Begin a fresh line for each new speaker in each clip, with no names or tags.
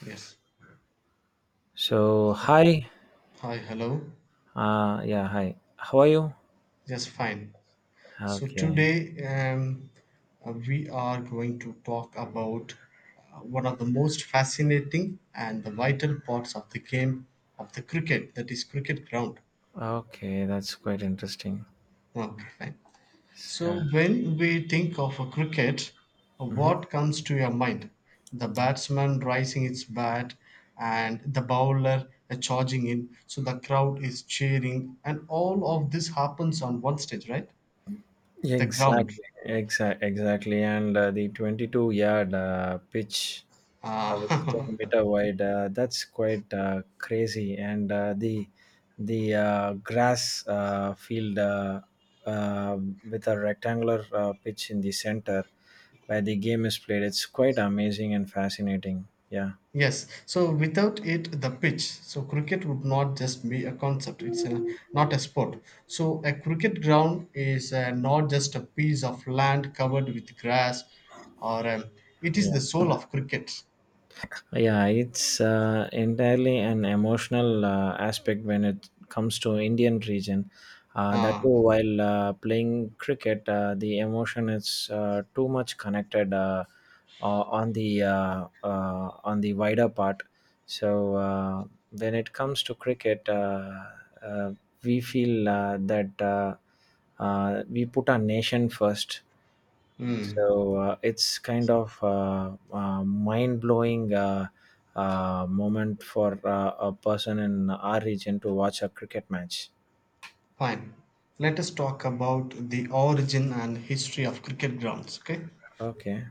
Yes.
So,
So,
hi.
hi, hello.
Yeah, Hi. How are you?
Yes, fine. So
Okay.
today we are going to talk about one of the most fascinating and the vital parts of the game of the cricket, that is cricket ground.
Okay, that's quite interesting.
Okay, fine. So
So,
when we think of a cricket,
mhm.
what comes to your mind? The batsman rising its bat and the bowler charging in, so the crowd is cheering, and all of this happens on one stage, right?
Yeah,
The ground.
exactly. Exactly. Exactly. And the 22 yard pitch was 10
Ah,
meter wide, that's quite crazy. And the grass field with a rectangular pitch in the center where the game is played. It's quite amazing and fascinating. Yeah.
yes. So without it, the pitch. So cricket would not just be a concept. It's a, not a sport. So a cricket ground is not just a piece of land covered with grass, or it is the soul of cricket.
Yeah, it's entirely an emotional aspect when it comes to Indian region. That
Ah,
too, while playing cricket, the emotion is too much connected on the wider part. So uh, when it comes to cricket, uh, we feel that we put our nation first,
hmm.
so it's kind of mind-blowing moment for a person in our region to watch a cricket match.
Fine. Let us talk about the origin and history of cricket grounds. Okay.
Okay.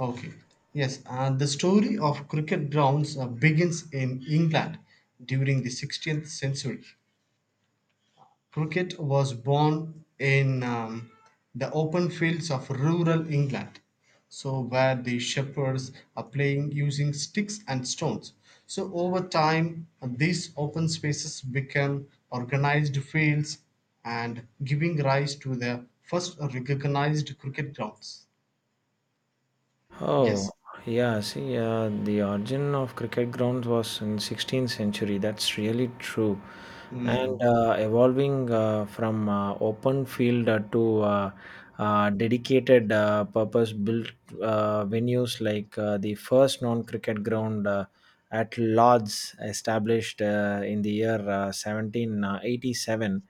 Okay. Yes, and the story of cricket grounds begins in England during the 16th century. Cricket was born in the open fields of rural England, so where the shepherds are playing using sticks and stones. So over time, these open spaces become organized fields and giving rise to the first recognized cricket grounds.
Oh.
Yes.
Yeah, see, the origin of cricket grounds was in 16th century. That's really true, and
Mm.
evolving from open field to dedicated purpose-built venues like the first non-cricket ground at Lords, established in the year 1787.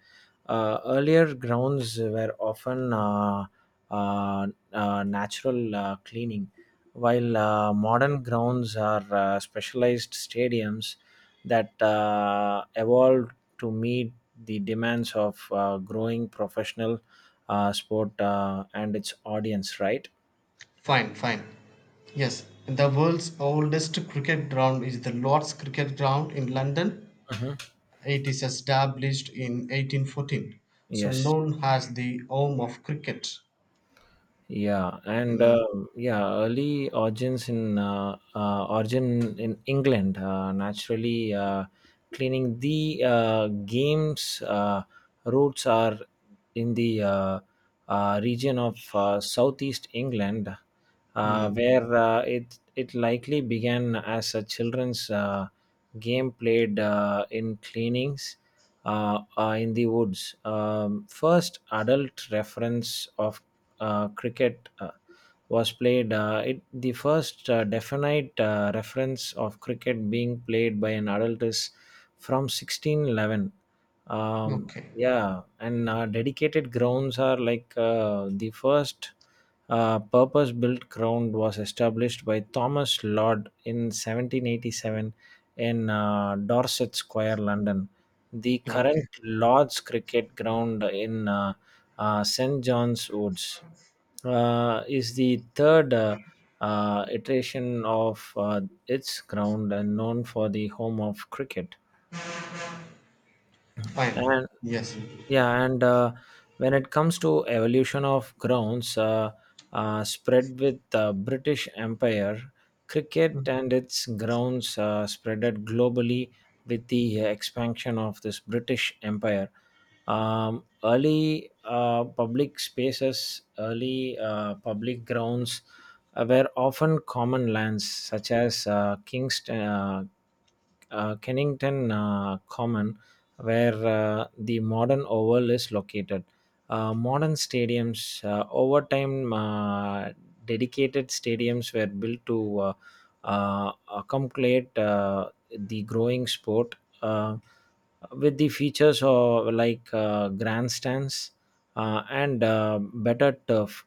Earlier grounds were often uh, natural cleaning, while modern grounds are specialized stadiums that evolved to meet the demands of growing professional sport and its audience, right?
Fine, fine. Yes, the world's oldest cricket ground is the Lord's Cricket Ground in London.
Mhm.
It is established in 1814, so
Yes.
known as the home of cricket.
Yeah, and uh, yeah, early origins in origin in England naturally cleaning the game's roots are in the region of southeast England,
Hmm.
where it likely began as a children's game played in cleanings in the woods. First adult reference of cricket. Was played, it the first definite reference of cricket being played by an adult is from 1611.
Okay,
Yeah, and Dedicated grounds are like the first purpose built ground was established by Thomas Lord in 1787 in Dorset Square, London. The current
okay,
Lord's cricket ground in St John's Woods is the third iteration of its ground and known for the home of cricket.
fine. Yes.
Yeah, and When it comes to evolution of grounds, spread with the British Empire, cricket
Mm.
and its grounds spreaded globally with the expansion of this British Empire. Early public spaces, early public grounds were often common lands such as Kingston, Kennington Common, where the modern oval is located. Modern stadiums, over time, dedicated stadiums were built to accommodate the growing sport uh, with the features of like grandstands and better turf.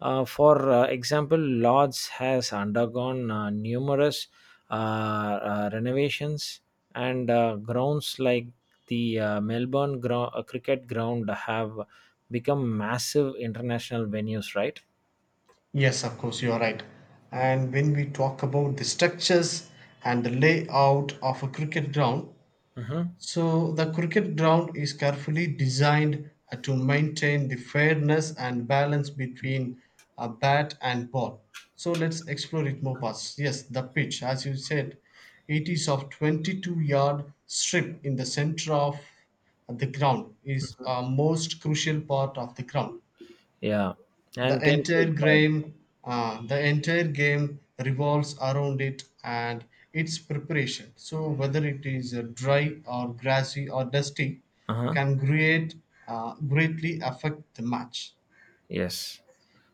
For example, Lords has undergone numerous renovations, and grounds like the cricket ground have become massive international venues, right?
Yes, of course, you are right. And when we talk about the structures and the layout of a cricket ground,
Mm-hmm.
so the cricket ground is carefully designed to maintain the fairness and balance between a bat and ball. So let's explore it more fast. Yes, the pitch, as you said, it is of 22-yard strip in the center of the ground is a most crucial part of the ground.
Yeah, and
The
10
entire
feet wide.
game, the entire game revolves around it and its preparation. So whether it is dry or grassy or dusty,
Uh-huh.
can create greatly affect the match.
Yes.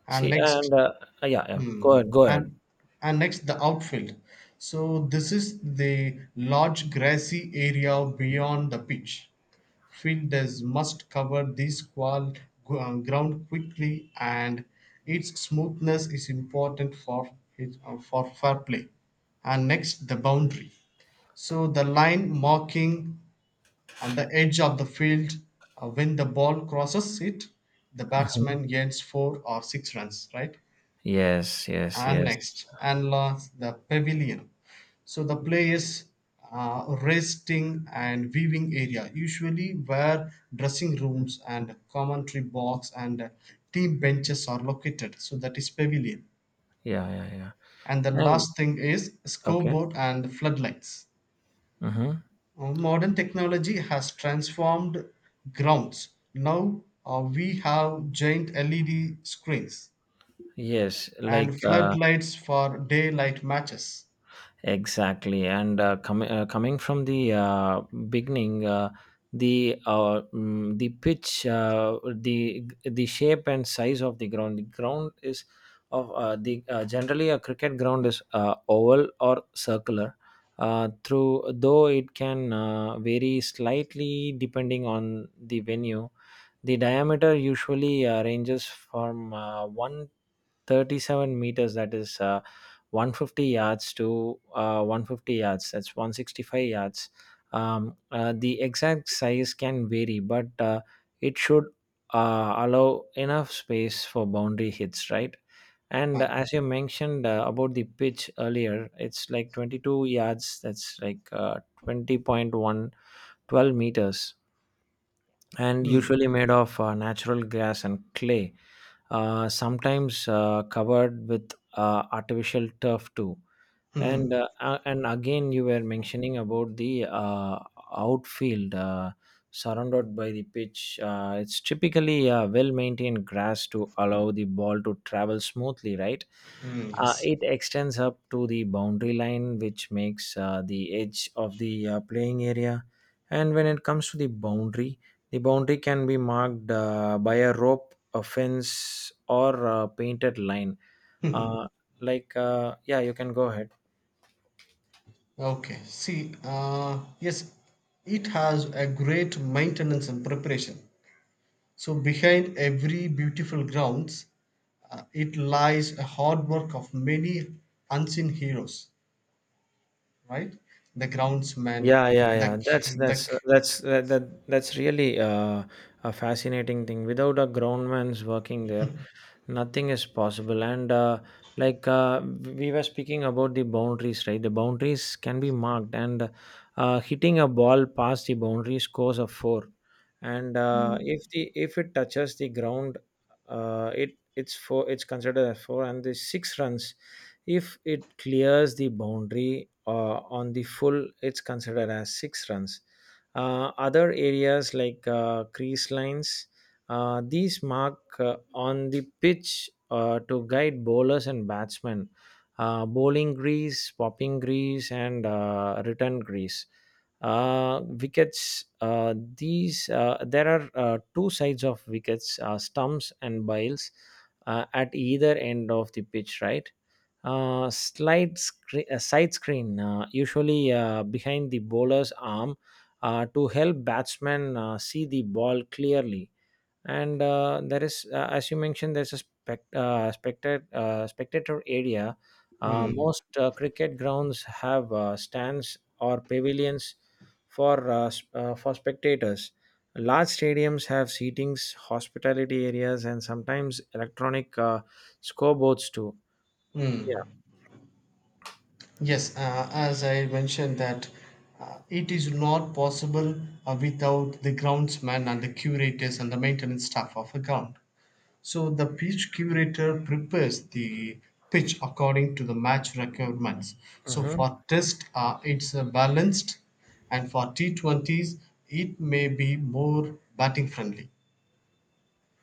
And
See,
next,
and Yeah, yeah, go
hmm,
ahead, go ahead.
and and next the outfield. So this is the large grassy area beyond the pitch. Fielders must cover this ground quickly, and its smoothness is important for for fair play. And next, the boundary. So the line marking and the edge of the field, when the ball crosses it, the
Mhm.
batsman gains four or six runs. Right,
Yes, yes, yes.
annexed and launched the pavilion. So the play, resting and viewing area, usually where dressing rooms and commentary box and team benches are located. So that is pavilion.
Yeah, yeah, yeah.
And the
And
last thing is
okay.
scoreboard and floodlights.
Mm-hmm.
Modern technology has transformed grounds. Now we have giant LED screens
Yes, like
and floodlights for daylight matches.
exactly. And coming from the beginning, the pitch, the shape and size of the ground. The ground is of the Generally, a cricket ground is oval or circular. Through though it can vary slightly depending on the venue. The diameter usually ranges from one 37 meters, that is 150 yards, to 150 yards, that's 165 yards. The exact size can vary, but it should allow enough space for boundary hits, right? And
Fun.
as you mentioned about the pitch earlier, it's like 22 yards, that's like 20.1 meters, and
Hmm.
usually made of natural gas and clay, sometimes covered with artificial turf too. and
Hmm.
uh, a- and again, you were mentioning about the outfield surrounded by the pitch. It's typically well maintained grass to allow the ball to travel smoothly, right?
Hmm. Yes.
It extends up to the boundary line, which makes the edge of the playing area. And when it comes to the boundary, the boundary can be marked by a rope, a fence, or a painted line. uh, yeah, you can go ahead.
Okay. See, yes, it has a great maintenance and preparation. So behind every beautiful grounds, it lies a hard work of many unseen heroes, right? The groundsman,
Yeah, yeah,
the
yeah.
the
That's that, that that's really a fascinating thing. Without a groundman's working there, nothing is possible. And we were speaking about the boundaries, right? The boundaries can be marked, and hitting a ball past the boundary scores a four. And if it touches the ground, it's four. It's considered a four, and the six runs, if it clears the boundary on the full, it's considered as six runs. Other areas like crease lines, these mark on the pitch to guide bowlers and batsmen. Bowling grease, popping grease, and return grease. Wickets. These There are two sides of wickets: stumps and biles at either end of the pitch, right? Side screen, usually behind the bowler's arm, to help batsmen see the ball clearly. And there is, as you mentioned, there's a spectator area.
Hmm.
Most cricket grounds have stands or pavilions for for spectators. Large stadiums have seatings, hospitality areas, and sometimes electronic scoreboards too.
Hmm.
Yeah.
Yes, as I mentioned that it is not possible without the groundsman and the curators and the maintenance staff of a ground. So the pitch curator prepares the pitch according to the match requirements. So
Mhm.
for test, it's balanced, and for T20s, it may be more batting friendly.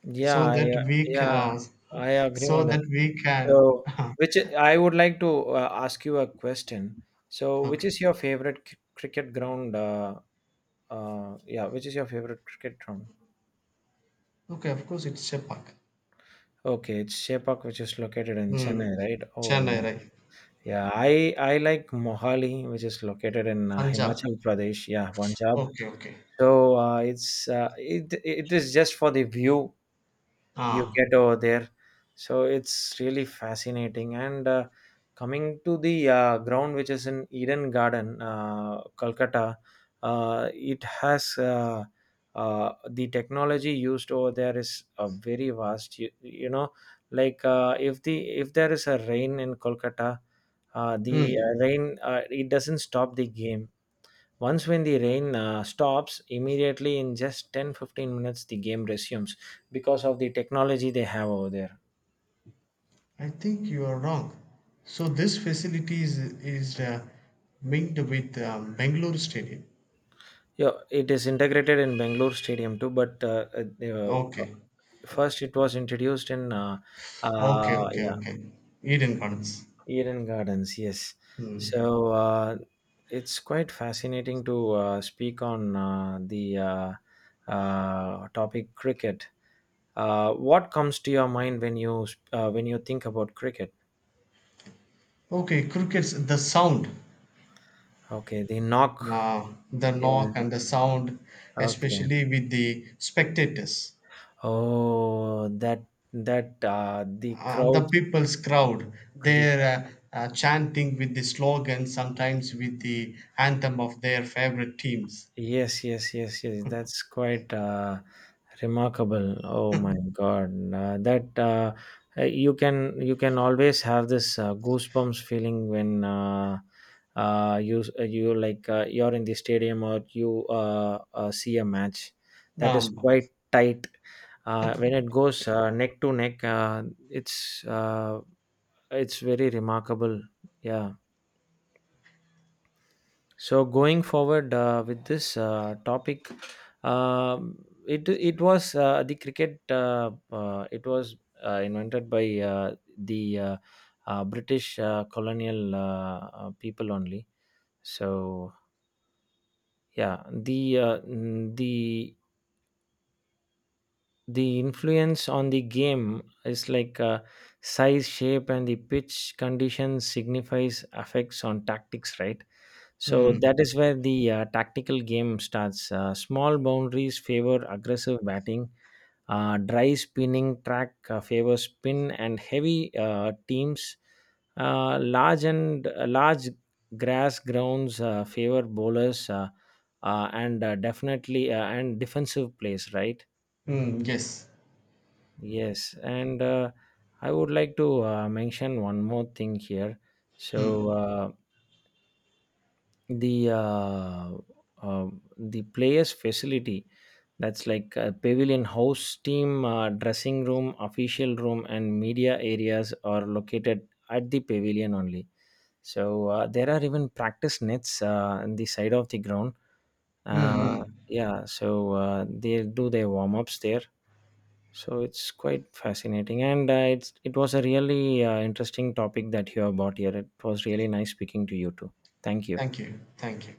Yeah,
So
I,
that
uh,
we
yeah,
can,
I agree
so
on that.
that we can.
So, which I would like to ask you a question. So, which
Okay,
is your favorite cricket ground? Yeah, which is your favorite cricket ground?
okay. Of course, it's Chepak.
Okay, it's Sepak, which is located in
Hmm.
Chennai, right?
Chennai,
Oh,
right?
yeah. I like Mohali, which is located in
Punjab.
Himachal Pradesh, yeah, Punjab.
Okay, okay.
So it is just for the view you
Ah.
get over there. So it's really fascinating. And coming to the ground, which is in Eden Garden, Calcutta, it has the technology used over there is very vast. You know, like if there is a rain in Kolkata, the
Hmm.
rain, it doesn't stop the game. Once when the rain stops, immediately in just 10 15 minutes the game resumes because of the technology they have over there.
"I think you are wrong. So this facility is linked with Bangalore Stadium.
Yeah, it is integrated in Bangalore Stadium too, but uh, uh,
Okay,
first it was introduced in
okay, okay,
yeah,
okay. Eden Gardens.
Eden Gardens. Yes,
Hmm.
so it's quite fascinating to speak on the topic cricket. What comes to your mind when you think about cricket?
Okay, crickets. The sound,
Okay, they knock.
the
Yeah.
knock and the sound,
Okay.
especially with the spectators,
Oh, that the crowd,
the people's crowd.
the crowd.
They're chanting with the slogan, sometimes with the anthem of their favorite teams.
Yes, yes, yes, yes. That's quite remarkable. Oh my God, that you can, you can always have this goosebumps feeling when you like you're in the stadium, or you see a match that is
Um,
quite tight. When it goes neck to neck, it's uh, it's very remarkable. Yeah. So going forward with this topic, um it it was the cricket. It was invented by the British colonial people only. So yeah, the influence on the game is like size, shape, and the pitch conditions signifies affects on tactics, right? So
hmm,
that is where the tactical game starts. Small boundaries favor aggressive batting. Dry spinning track favors spin and heavy teams. Uh, large grass grounds favor bowlers and definitely and defensive plays. Right?
hmm, yes.
Yes, and I would like to mention one more thing here. So.
Hmm.
The uh the players facility, that's like a pavilion, house team dressing room, official room, and media areas are located at the pavilion only. So there are even practice nets on the side of the ground. uh,
Mm-hmm.
yeah, so they do their warm-ups there. So it's quite fascinating, and it was a really interesting topic that you have brought here. It was really nice speaking to you too. Thank you.
Thank you. Thank you.